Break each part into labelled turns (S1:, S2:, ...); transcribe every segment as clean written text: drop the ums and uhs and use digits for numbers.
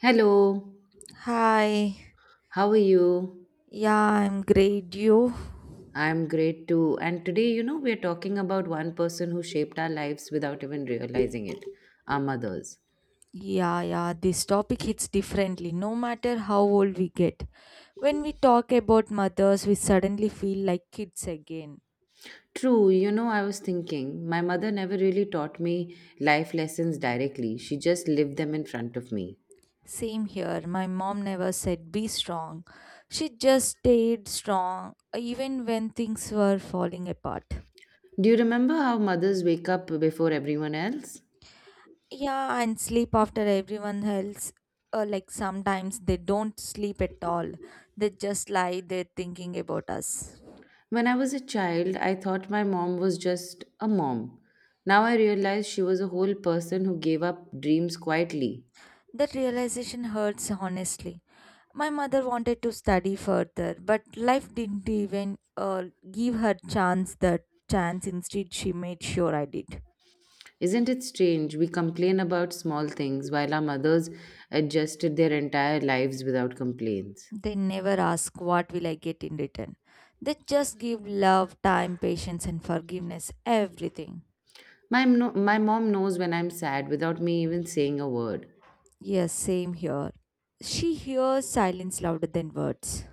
S1: Hello,
S2: Hi.
S1: how are you?
S2: Yeah, I'm great. You?
S1: I'm great too. And, today, we're talking about one person who shaped our lives without even realizing it, our mothers.
S2: Yeah. This topic hits differently no matter how old we get. When we talk about mothers, we suddenly feel like kids again.
S1: True, I was thinking, my mother never really taught me life lessons directly, she just lived them in front of me.
S2: Same here. My mom never said be strong. She just stayed strong even when things were falling apart.
S1: Do you remember how mothers wake up before everyone else?
S2: Yeah, and sleep after everyone else. Like sometimes they don't sleep at all. They just lie there thinking about us.
S1: When I was a child, I thought my mom was just a mom. Now I realize she was a whole person who gave up dreams quietly.
S2: That realization hurts honestly. My mother wanted to study further, but life didn't even give her chance. Instead, she made sure I did.
S1: Isn't it strange? We complain about small things while our mothers adjusted their entire lives without complaints.
S2: They never ask what will I get in return. They just give love, time, patience, and forgiveness, everything.
S1: My, no- My mom knows when I'm sad without me even saying a word.
S2: Yes, same here. She hears silence louder than words.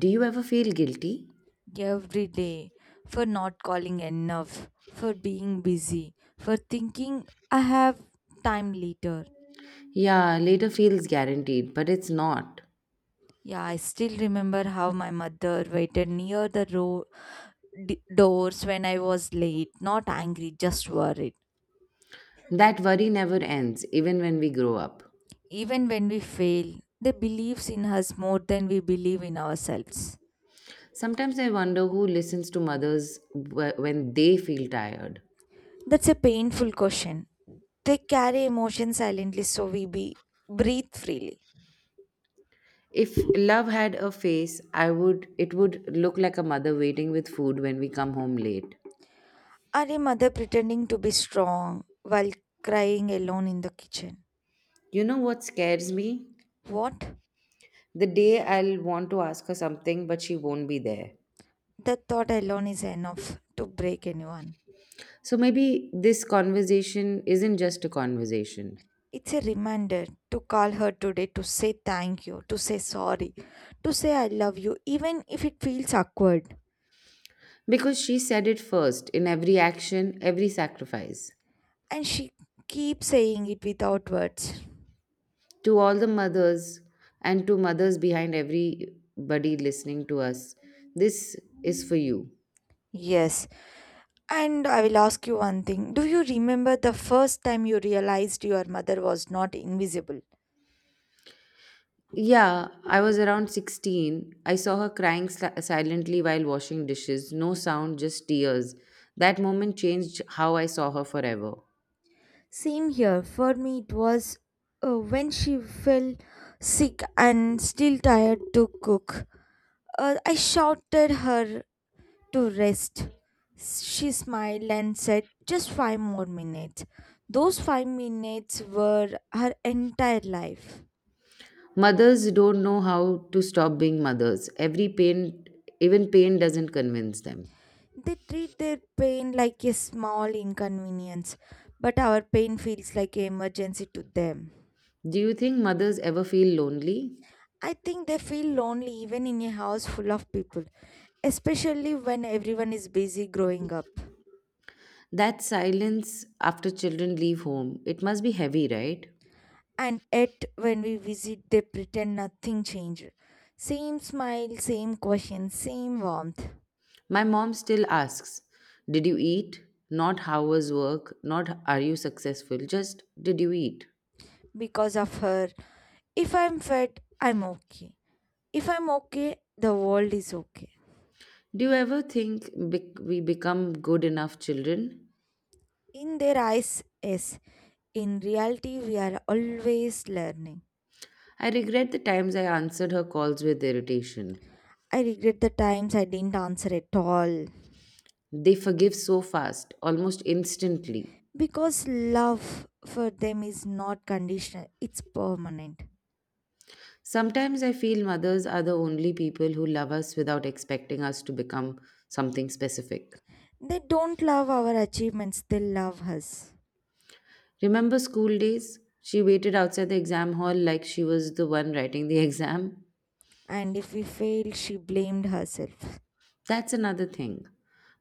S1: Do you ever feel guilty?
S2: Every day for not calling enough, for being busy, for thinking I have time later.
S1: Yeah, later feels guaranteed, but it's not.
S2: Yeah, I still remember how my mother waited near the doors when I was late, not angry, just worried.
S1: That worry never ends, even when we grow up.
S2: Even when we fail, they believes in us more than we believe in ourselves.
S1: Sometimes I wonder who listens to mothers when they feel tired.
S2: That's a painful question. They carry emotion silently so we be breathe freely.
S1: If love had a face, I would it would look like a mother waiting with food when we come home late.
S2: Or a mother pretending to be strong while crying alone in the kitchen.
S1: You know what scares me?
S2: What?
S1: The day I'll want to ask her something, but she won't be there.
S2: The thought alone is enough to break anyone.
S1: So maybe this conversation isn't just a conversation.
S2: It's a reminder to call her today, to say thank you, to say sorry, to say I love you, even if it feels awkward.
S1: Because she said it first in every action, every sacrifice.
S2: And she keeps saying it without words.
S1: To all the mothers and to mothers behind everybody listening to us, this is for you.
S2: Yes. And I will ask you one thing. Do you remember the first time you realized your mother was not invisible?
S1: Yeah, I was around 16. I saw her silently while washing dishes, no sound, just tears. That moment changed how I saw her forever.
S2: Same here. For me, it was when she fell sick and still tired to cook. I shouted her to rest. She smiled and said, Just five more minutes. Those 5 minutes were her entire life.
S1: Mothers don't know how to stop being mothers. Every pain, even pain, doesn't convince them.
S2: They treat their pain like a small inconvenience, but our pain feels like an emergency to them.
S1: Do you think mothers ever feel lonely?
S2: I think they feel lonely even in a house full of people, especially when everyone is busy growing up.
S1: That silence after children leave home, it must be heavy, right?
S2: And yet, when we visit, they pretend nothing changed. Same smile, same question, same warmth.
S1: My mom still asks, did you eat? Not how was work, not are you successful, just did you eat?
S2: Because of her, if I'm fed, I'm okay. If I'm okay, the world is okay.
S1: Do you ever think we become good enough children?
S2: In their eyes, yes. In reality, we are always learning.
S1: I regret the times I answered her calls with irritation.
S2: I regret the times I didn't answer at all.
S1: They forgive so fast, almost instantly.
S2: Because love for them is not conditional, it's permanent.
S1: Sometimes I feel mothers are the only people who love us without expecting us to become something specific.
S2: They don't love our achievements, they love us.
S1: Remember school days? She waited outside the exam hall like she was the one writing the exam.
S2: And if we fail, she blamed herself.
S1: That's another thing.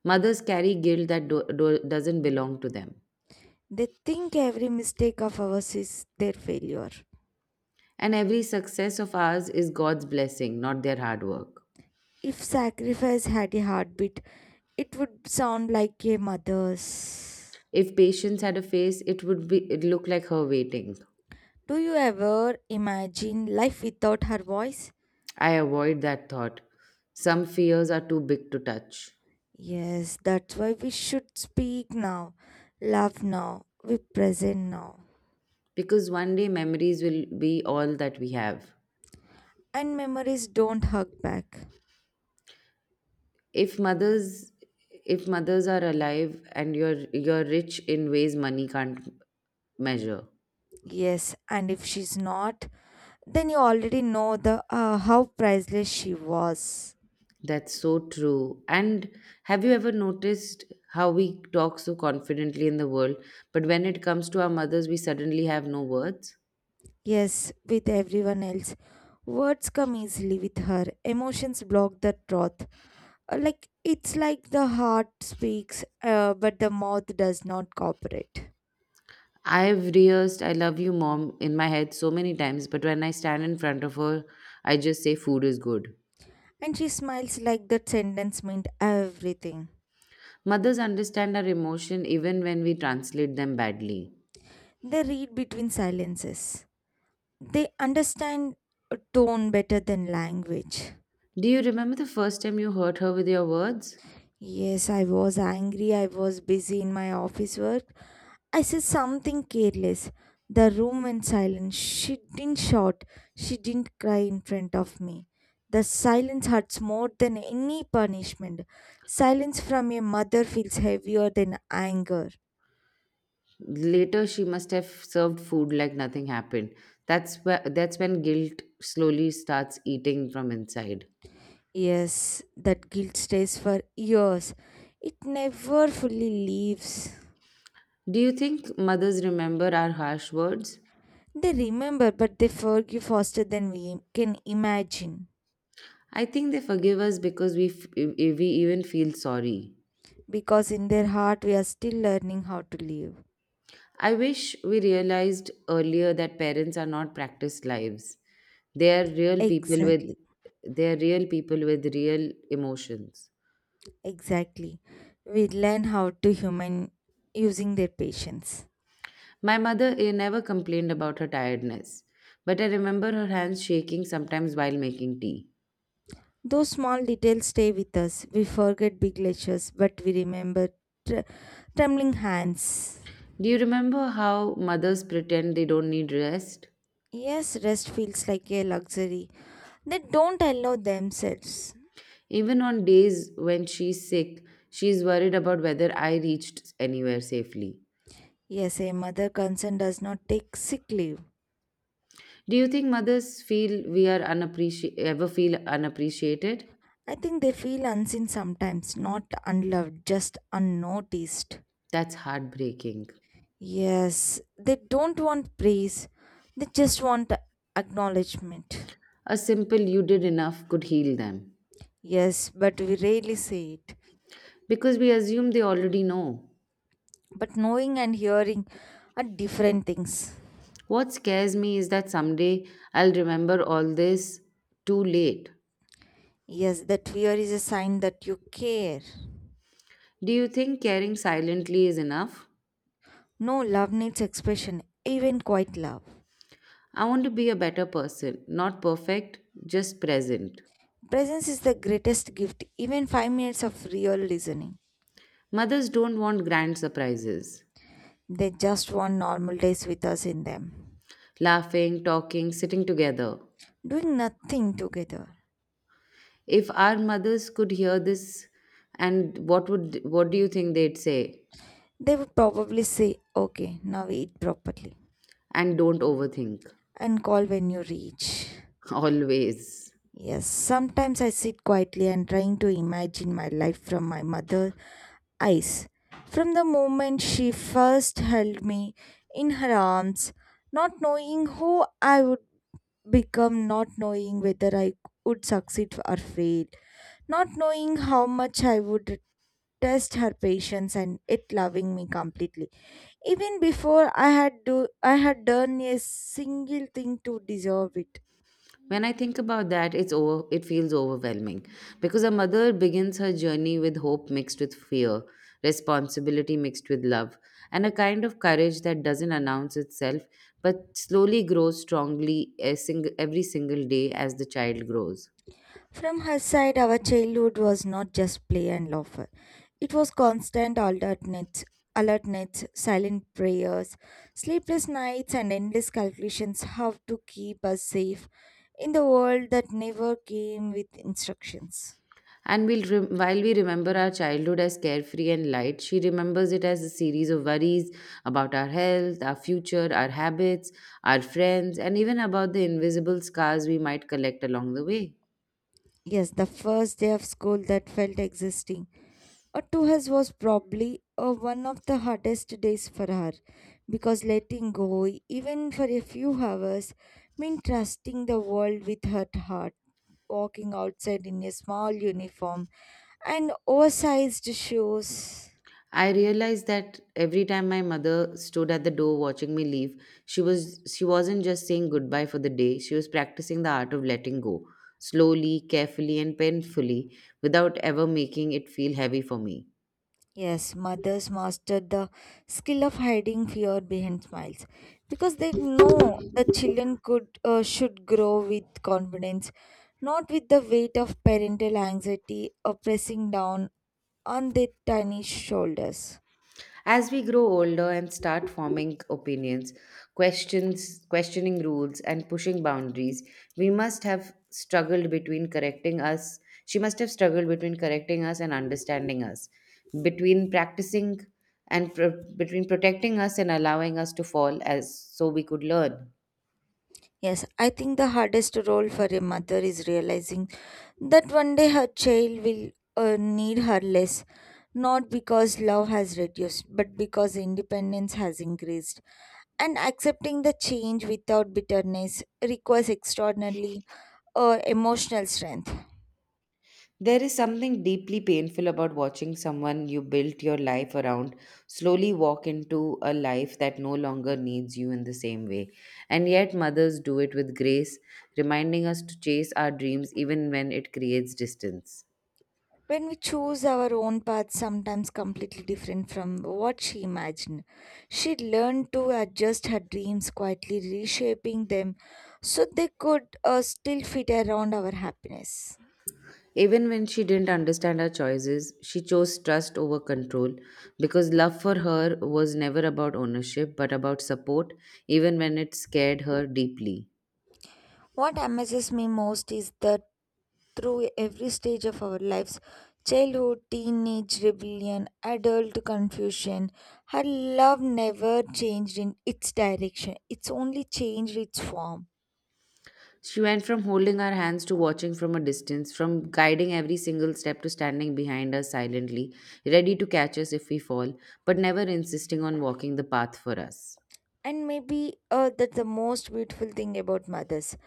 S1: Mothers carry guilt that doesn't belong to them.
S2: They think every mistake of ours is their failure.
S1: And every success of ours is God's blessing, not their hard work.
S2: If sacrifice had a heartbeat, it would sound like a mother's.
S1: If patience had a face, it would be it look like her waiting.
S2: Do you ever imagine life without her voice?
S1: I avoid that thought. Some fears are too big to touch
S2: Yes, that's why we should speak now, love now, be present now.
S1: because one day memories will be all that we have.
S2: And memories don't hug back.
S1: If mothers if mothers are alive and you're rich in ways money can't measure.
S2: Yes, and if she's not, then you already know the how priceless she was.
S1: That's so true. And have you ever noticed how we talk so confidently in the world, but when it comes to our mothers, we suddenly have no words?
S2: Yes, with everyone else, words come easily with her. Emotions block the truth. It's like the heart speaks, but the mouth does not cooperate.
S1: I've rehearsed I love you, mom, in my head so many times, but when I stand in front of her, I just say food is good.
S2: And she smiles like that sentence meant everything.
S1: Mothers understand our emotion even when we translate them badly.
S2: They read between silences. They understand a tone better than language.
S1: Do you remember the first time you hurt her with your words?
S2: Yes, I was angry. I was busy in my office work. I said something careless. The room went silent. She didn't shout. She didn't cry in front of me. The silence hurts more than any punishment. Silence from a mother feels heavier than anger.
S1: Later, she must have served food like nothing happened. That's when guilt slowly starts eating from inside.
S2: Yes, that guilt stays for years. It never fully leaves.
S1: Do you think mothers remember our harsh words?
S2: They remember, but they forgive faster than we can imagine.
S1: I think they forgive us because we even feel sorry.
S2: Because in their heart we are still learning how to live.
S1: I wish we realized earlier that parents are not practiced lives. They are real people with
S2: exactly
S1: they are real people with real emotions.
S2: exactly We learn how to human using their patience.
S1: My mother never complained about her tiredness, but I remember her hands shaking sometimes while making tea.
S2: Those small details stay with us. We forget big lectures, but we remember tr- trembling hands.
S1: Do you remember how mothers pretend they don't need rest?
S2: Yes, rest feels like a luxury they don't allow themselves.
S1: Even on days when she's sick, she's worried about whether I reached anywhere safely.
S2: Yes, a mother concern does not take sick leave.
S1: Do you think mothers feel we are unappreci- ever feel unappreciated?
S2: I think they feel unseen sometimes, not unloved, just unnoticed.
S1: That's heartbreaking.
S2: Yes, they don't want praise, they just want acknowledgement.
S1: A simple you did enough could heal them.
S2: Yes, but we rarely say it.
S1: Because we assume they already know.
S2: But knowing and hearing are different things.
S1: What scares me is that someday I'll remember all this too late.
S2: Yes, that fear is a sign that you care.
S1: Do you think caring silently is enough?
S2: No, love needs expression, even quiet love.
S1: I want to be a better person, not perfect, just present.
S2: Presence is the greatest gift, even 5 minutes of real listening.
S1: Mothers don't want grand surprises.
S2: They just want normal days with us in them,
S1: Laughing, talking, sitting together.
S2: doing nothing together.
S1: If our mothers could hear this, and what would what do you think they'd say?
S2: They would probably say, Okay, now eat properly
S1: And don't overthink.
S2: and call when you reach.
S1: Always.
S2: Yes, sometimes I sit quietly and trying to imagine my life from my mother's eyes. From the moment she first held me in her arms, not knowing who I would become, not knowing whether I would succeed or fail, not knowing how much I would test her patience and it loving me completely even before I had done a single thing to deserve it.
S1: When I think about that, it feels overwhelming because a mother begins her journey with hope mixed with fear, responsibility mixed with love, and a kind of courage that doesn't announce itself but slowly grows strongly every single day as the child grows.
S2: From her side, our childhood was not just play and laughter. It was constant alertness, silent prayers, sleepless nights, and endless calculations how to keep us safe in the world that never came with instructions.
S1: And while we remember our childhood as carefree and light, she remembers it as a series of worries about our health, our future, our habits, our friends, and even about the invisible scars we might collect along the way.
S2: Yes, the first day of school that felt existing to hers was probably one of the hardest days for her, because letting go, even for a few hours, meant trusting the world with her heart, walking outside in a small uniform and oversized shoes.
S1: I realized that every time my mother stood at the door watching me leave, she was she wasn't just saying goodbye for the day, she was practicing the art of letting go, slowly, carefully and painfully, without ever making it feel heavy for me.
S2: Yes, mothers mastered the skill of hiding fear behind smiles, because they know the children could should grow with confidence, not with the weight of parental anxiety or pressing down on their tiny shoulders.
S1: As we grow older and start forming opinions, questions, questioning rules, and pushing boundaries, we must have struggled between correcting us. She must have struggled between correcting us and understanding us, between practicing between protecting us and allowing us to fall as so we could learn.
S2: Yes, I think the hardest role for a mother is realizing that one day her child will need her less, not because love has reduced, but because independence has increased, and accepting the change without bitterness requires extraordinarily emotional strength.
S1: There is something deeply painful about watching someone you built your life around slowly walk into a life that no longer needs you in the same way. And yet, mothers do it with grace, reminding us to chase our dreams even when it creates distance.
S2: When we choose our own path, sometimes completely different from what she imagined, she learned to adjust her dreams quietly, reshaping them so they could still fit around our happiness.
S1: Even when she didn't understand her choices, she chose trust over control because love for her was never about ownership but about support, even when it scared her deeply.
S2: What amazes me most is that through every stage of our lives — childhood, teenage rebellion, adult confusion. Her love never changed in its direction, it's only changed its form.
S1: She went from holding our hands to watching from a distance, from guiding every single step to standing behind us silently, ready to catch us if we fall, but never insisting on walking the path for us.
S2: And maybe that's the most beautiful thing about mothers,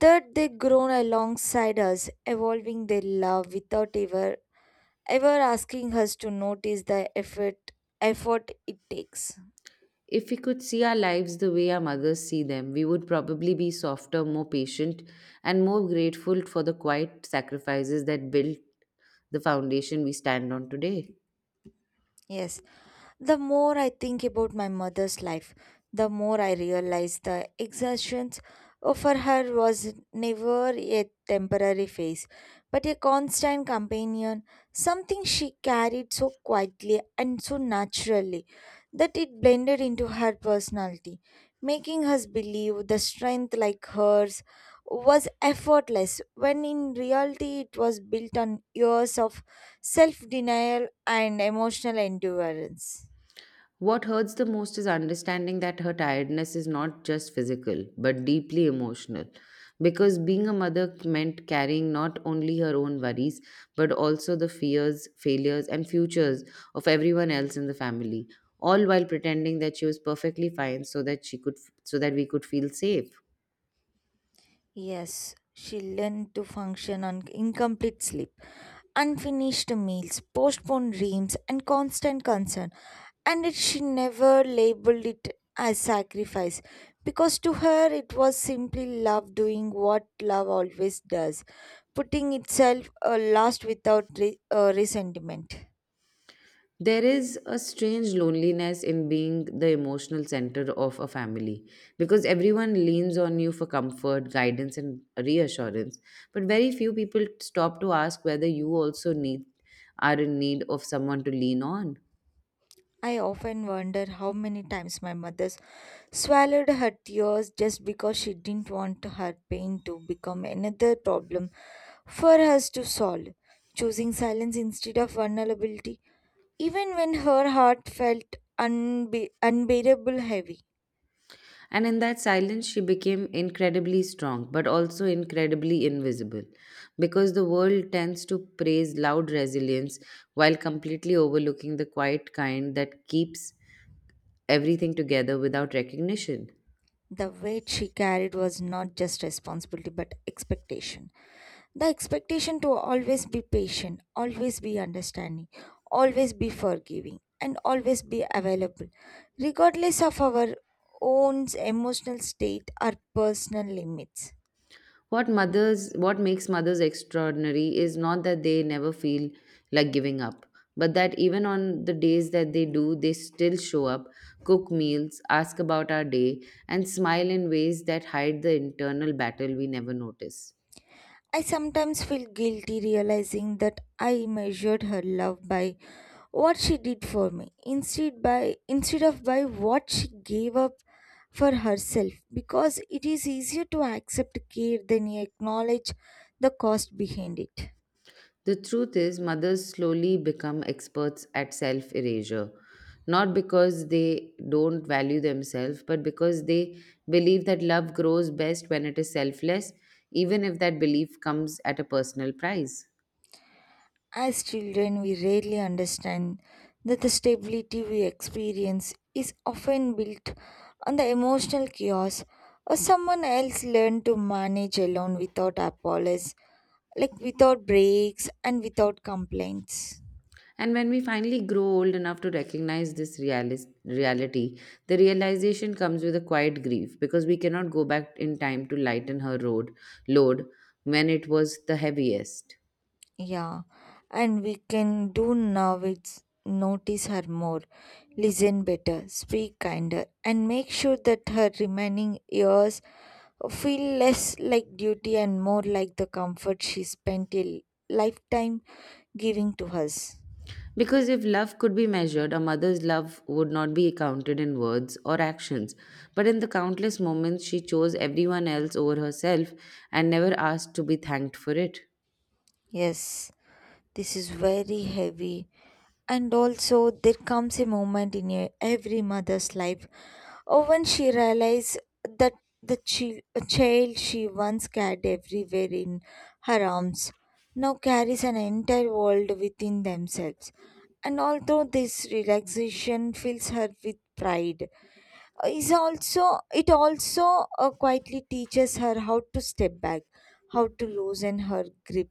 S2: that they grown alongside us, evolving their love without ever asking us to notice the effort it takes.
S1: If we could see our lives the way our mothers see them, we would probably be softer, more patient, and more grateful for the quiet sacrifices that built the foundation we stand on today.
S2: Yes. The more I think about my mother's life, the more I realize the exertions for her was never a temporary phase, but a constant companion, something she carried so quietly and so naturally that it blended into her personality, making us believe the strength like hers was effortless, when in reality it was built on years of self denial and emotional endurance.
S1: What hurts the most is understanding that her tiredness is not just physical, but deeply emotional. Because being a mother meant carrying not only her own worries, but also the fears, failures, and futures of everyone else in the family, all while pretending that she was perfectly fine so that we could feel safe.
S2: Yes, she learned to function on incomplete sleep, unfinished meals, postponed dreams, and constant concern. And it, she never labeled it as sacrifice, because to her it was simply love doing what love always does, putting itself last without resentment.
S1: There is a strange loneliness in being the emotional center of a family because everyone leans on you for comfort, guidance, and reassurance. But very few people stop to ask whether you also need are in need of someone to lean on.
S2: I often wonder how many times my mother swallowed her tears just because she didn't want her pain to become another problem for us to solve, choosing silence instead of vulnerability, even when her heart felt unbearable heavy.
S1: And in that silence, she became incredibly strong, but also incredibly invisible because the world tends to praise loud resilience while completely overlooking the quiet kind that keeps everything together without recognition.
S2: The weight she carried was not just responsibility but expectation. The expectation to always be patient, always be understanding, always be forgiving, and always be available, regardless of our own emotional state or personal limits.
S1: What makes mothers extraordinary is not that they never feel like giving up, but that even on the days that they do, they still show up, cook meals, ask about our day, and smile in ways that hide the internal battle we never notice.
S2: I sometimes feel guilty realizing that I measured her love by what she did for me instead by instead of by what she gave up for herself, because it is easier to accept care than acknowledge the cost behind it.
S1: The truth is, mothers slowly become experts at self erasure, not because they don't value themselves, but because they believe that love grows best when it is selfless, even if that belief comes at a personal price.
S2: As children, we rarely understand that the stability we experience is often built on the emotional chaos or someone else learned to manage alone without apologies, like without breaks and without complaints.
S1: And when we finally grow old enough to recognize reality, the realization comes with a quiet grief because we cannot go back in time to lighten her road load when it was the heaviest.
S2: Yeah, and we can do now is notice her more, listen better, speak kinder, and make sure that her remaining years feel less like duty and more like the comfort she spent a lifetime giving to us.
S1: Because if love could be measured, a mother's love would not be counted in words or actions, but in the countless moments she chose everyone else over herself and never asked to be thanked for it.
S2: Yes. This is very heavy. And also, there comes a moment in every mother's life or when she realizes that the child she once carried everywhere in her arms now carries an entire world within themselves. And although this relaxation fills her with pride, is also it also quietly teaches her how to step back, how to loosen her grip,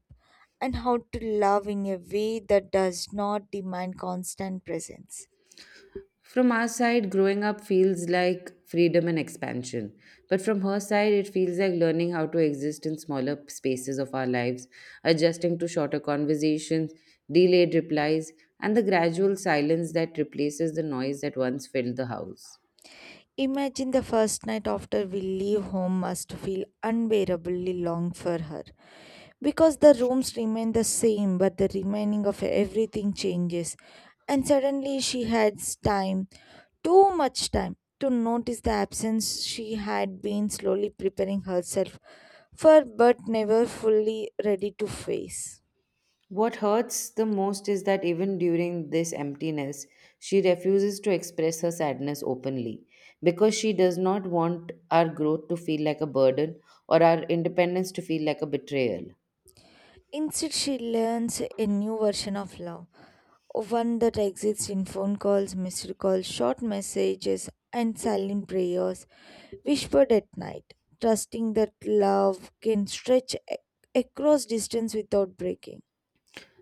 S2: and how to love in a way that does not demand constant presence.
S1: From our side, growing up feels like freedom and expansion, but from her side, it feels like learning how to exist in smaller spaces of our lives, adjusting to shorter conversations, delayed replies, and the gradual silence that replaces the noise that once filled the house.
S2: Imagine the first night after we leave home must feel unbearably long for her. Because the rooms remain the same, but the remaining of everything changes. And suddenly she has time, too much time, to notice the absence she had been slowly preparing herself for but never fully ready to face.
S1: What hurts the most is that even during this emptiness, she refuses to express her sadness openly because she does not want our growth to feel like a burden or our independence to feel like a betrayal.
S2: Instead, she learns a new version of love, one that exists in phone calls, missed calls, short messages, and silent prayers whispered at night, trusting that love can stretch across distance without breaking.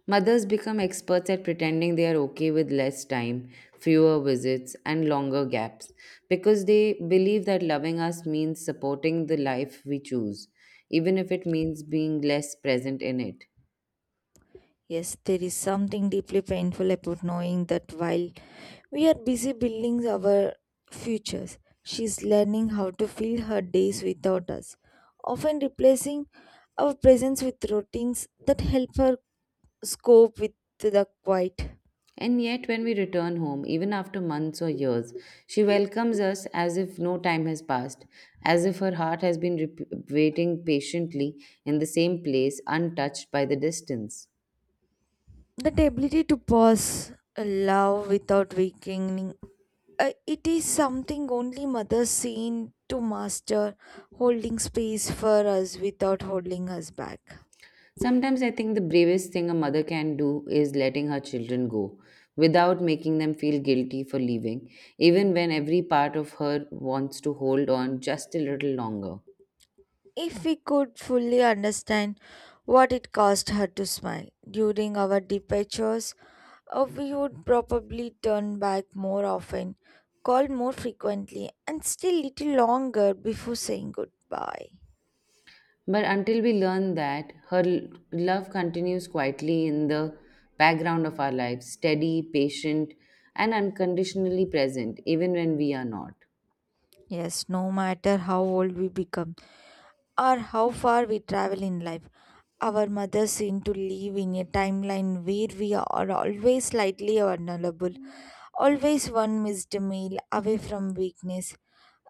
S1: Mothers become experts at pretending they are okay with less time, fewer visits, and longer gaps because they believe that loving us means supporting the life we choose, even if it means being less present in it.
S2: Yes, there is something deeply painful about knowing that while we are busy building our futures, she's learning how to fill her days without us, often replacing our presence with routines that help her cope with the quiet.
S1: And yet, when we return home, even after months or years, she welcomes us as if no time has passed, as if her heart has waiting patiently in the same place, untouched by the distance.
S2: That ability to pause love without weakening, it is something only mothers seem to master, holding space for us without holding us back.
S1: Sometimes I think the bravest thing a mother can do is letting her children go without making them feel guilty for leaving, even when every part of her wants to hold on just a little longer.
S2: If we could fully understand what it cost her to smile during our departures, we would probably turn back more often, call more frequently, and still little longer before saying goodbye.
S1: But until we learn that, her love continues quietly in the background of our lives, steady, patient, and unconditionally present, even when we are not.
S2: Yes, no matter how old we become or how far we travel in life, our mothers seem to live in a timeline where we are always slightly vulnerable, always one missed meal away from weakness,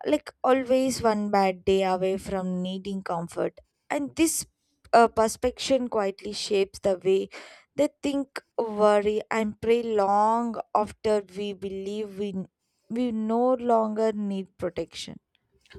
S2: like always one bad day away from needing comfort. And this, perspective quietly shapes the way they think, worry, and pray long after we believe we no longer need protection.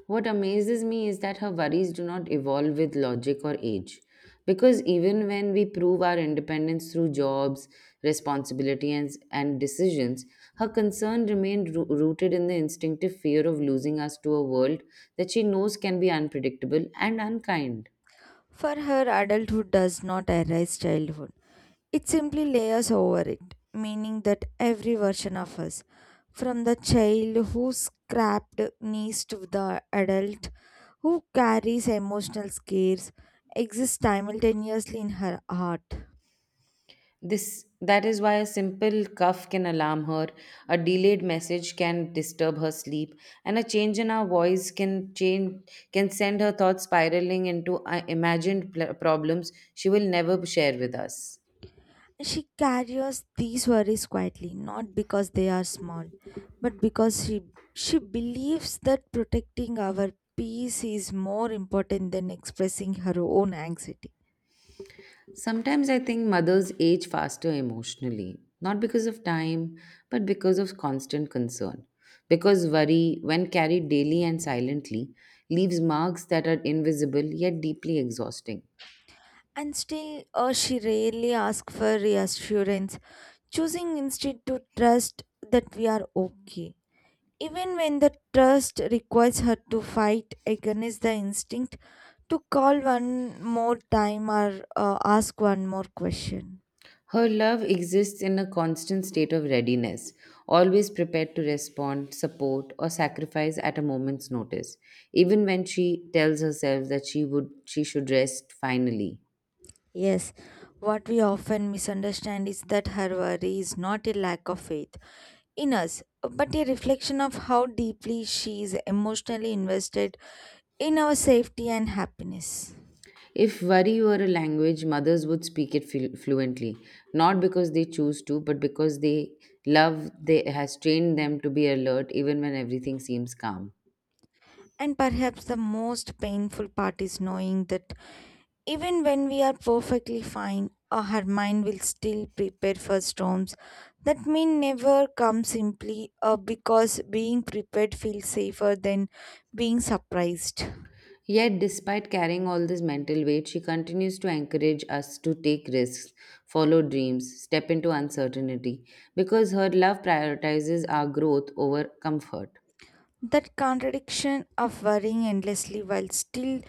S1: What amazes me is that her worries do not evolve with logic or age. Because even when we prove our independence through jobs, responsibilities, and decisions, her concern remained rooted in the instinctive fear of losing us to a world that she knows can be unpredictable and unkind.
S2: For her, adulthood does not erase childhood. It simply layers over it, meaning that every version of us, from the child who scrapped knees to the adult who carries emotional scares, exists simultaneously in her heart.
S1: This that is why a simple cough can alarm her, a delayed message can disturb her sleep, and a change in our voice can send her thoughts spiraling into imagined problems she will never share with us.
S2: She carries these worries quietly, not because they are small, but because she believes that protecting our peace is more important than expressing her own anxiety.
S1: Sometimes I think mothers age faster emotionally, not because of time, but because of constant concern. Because worry, when carried daily and silently, leaves marks that are invisible yet deeply exhausting.
S2: And still, she rarely asks for reassurance, choosing instead to trust that we are okay. Even when the trust requires her to fight against the instinct to call one more time or ask one more question.
S1: Her love exists in a constant state of readiness, always prepared to respond, support, or sacrifice at a moment's notice, even when she tells herself that she should rest finally.
S2: Yes, what we often misunderstand is that her worry is not a lack of faith in us, but a reflection of how deeply she is emotionally invested in our safety and happiness.
S1: If worry were a language, mothers would speak it fluently, not because they choose to, but because they love they has trained them to be alert even when everything seems calm.
S2: And perhaps the most painful part is knowing that even when we are perfectly fine, her mind will still prepare for storms that may never come, simply because being prepared feels safer than being surprised.
S1: Yet, despite carrying all this mental weight, she continues to encourage us to take risks, follow dreams, step into uncertainty, because her love prioritizes our growth over comfort.
S2: That contradiction of worrying endlessly while still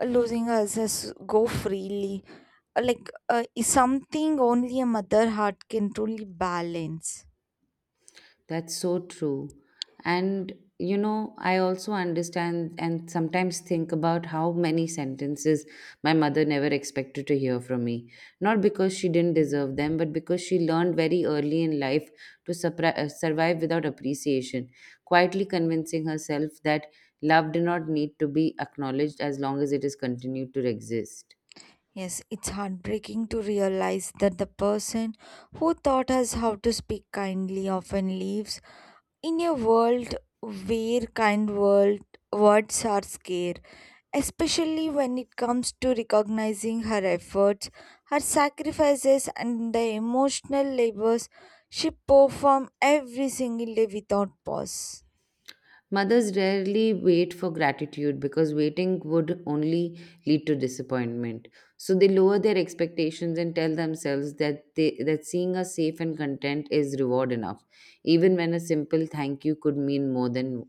S2: losing ourselves go freely, is something only a mother heart can truly balance.
S1: That's so true. And, I also understand and sometimes think about how many sentences my mother never expected to hear from me. Not because she didn't deserve them, but because she learned very early in life to survive without appreciation, quietly convincing herself that love did not need to be acknowledged as long as it is continued to exist.
S2: Yes, it's heartbreaking to realize that the person who taught us how to speak kindly often lives in a world where kind world words are scarce, especially when it comes to recognizing her efforts, her sacrifices, and the emotional labors she performs every single day without pause.
S1: Mothers rarely wait for gratitude because waiting would only lead to disappointment. So they lower their expectations and tell themselves that they that seeing us safe and content is reward enough, even when a simple thank you could mean more than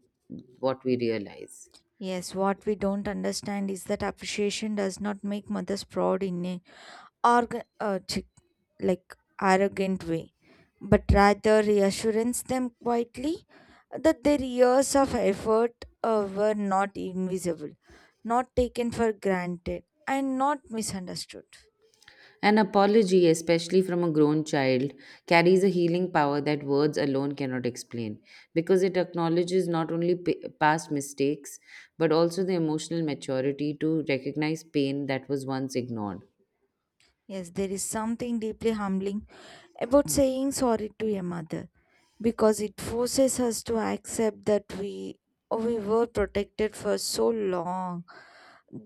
S1: what we realize.
S2: Yes, what we don't understand is that appreciation does not make mothers proud in a organ like arrogant way, but rather reassures them quietly that their years of effort, were not invisible, not taken for granted, and not misunderstood.
S1: An apology, especially from a grown child, carries a healing power that words alone cannot explain because it acknowledges not only past mistakes but also the emotional maturity to recognize pain that was once ignored.
S2: Yes, there is something deeply humbling about saying sorry to a mother because it forces us to accept that we were protected for so long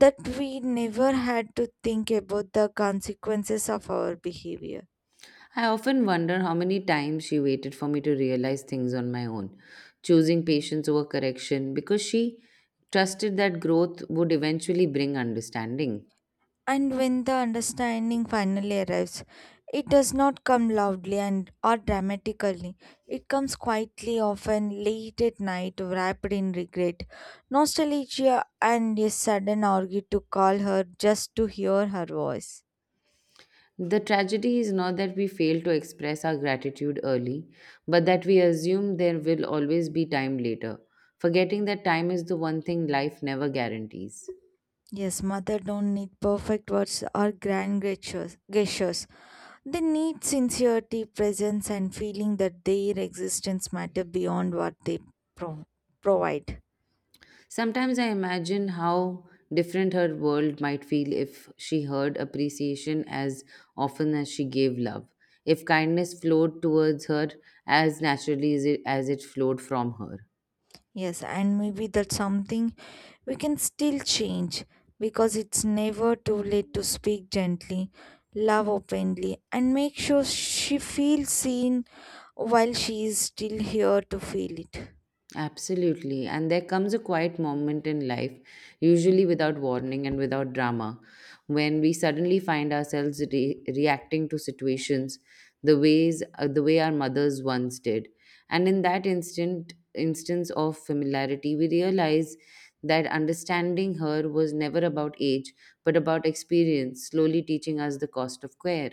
S2: that we never had to think about the consequences of our behavior.
S1: I often wonder how many times she waited for me to realize things on my own, choosing patience over correction because she trusted that growth would eventually bring understanding.
S2: And when the understanding finally arrives, it does not come loudly and or dramatically. It comes quietly, often late at night, wrapped in regret, nostalgia, and a sudden urge to call her just to hear her voice.
S1: The tragedy is not that we fail to express our gratitude early, but that we assume there will always be time later, forgetting that time is the one thing life never guarantees.
S2: Yes, mother don't need perfect words or grand gestures. They need sincerity, presence, and feeling that their existence matter beyond what they pro- provide.
S1: Sometimes I imagine how different her world might feel if she heard appreciation as often as she gave love, if kindness flowed towards her as naturally as it flowed from her.
S2: Yes, and maybe that's something we can still change, because it's never too late to speak gently, love openly, and make sure she feels seen while she is still here to feel it.
S1: Absolutely. And there comes a quiet moment in life, usually without warning and without drama, when we suddenly find ourselves reacting to situations the way our mothers once did. And in that instant instance of familiarity, we realize that understanding her was never about age, but about experience, slowly teaching us the cost of care.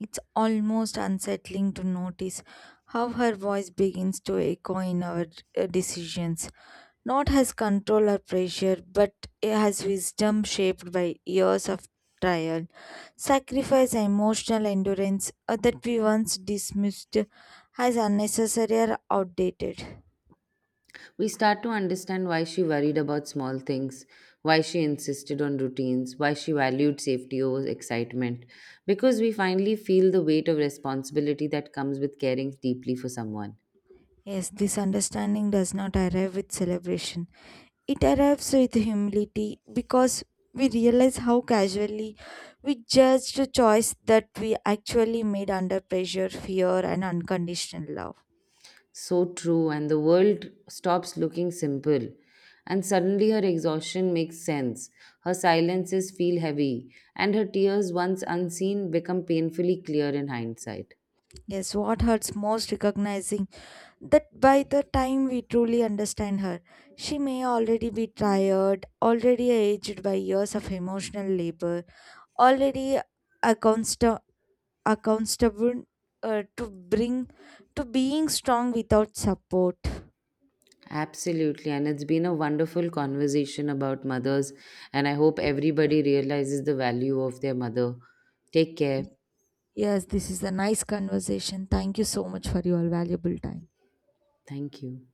S2: It's almost unsettling to notice how her voice begins to echo in our, decisions, not has control or pressure, but it has wisdom shaped by years of trial, sacrifice, and emotional endurance, that we once dismissed as unnecessary or outdated.
S1: We start to understand why she worried about small things, why she insisted on routines, why she valued safety over excitement, because we finally feel the weight of responsibility that comes with caring deeply for someone.
S2: Yes, this understanding does not arrive with celebration. It arrives with humility because we realize how casually we judged a choice that we actually made under pressure, fear, and unconditional love.
S1: So true, and the world stops looking simple. And suddenly her exhaustion makes sense. Her silences feel heavy, and her tears, once unseen, become painfully clear in hindsight.
S2: Yes, what hurts most recognizing that by the time we truly understand her, she may already be tired, already aged by years of emotional labor, already accountsta- accountable, uh, to bring to being strong without support.
S1: Absolutely. And it's been a wonderful conversation about mothers. And I hope everybody realizes the value of their mother. Take care.
S2: Yes, this is a nice conversation. Thank you so much for your valuable time.
S1: Thank you.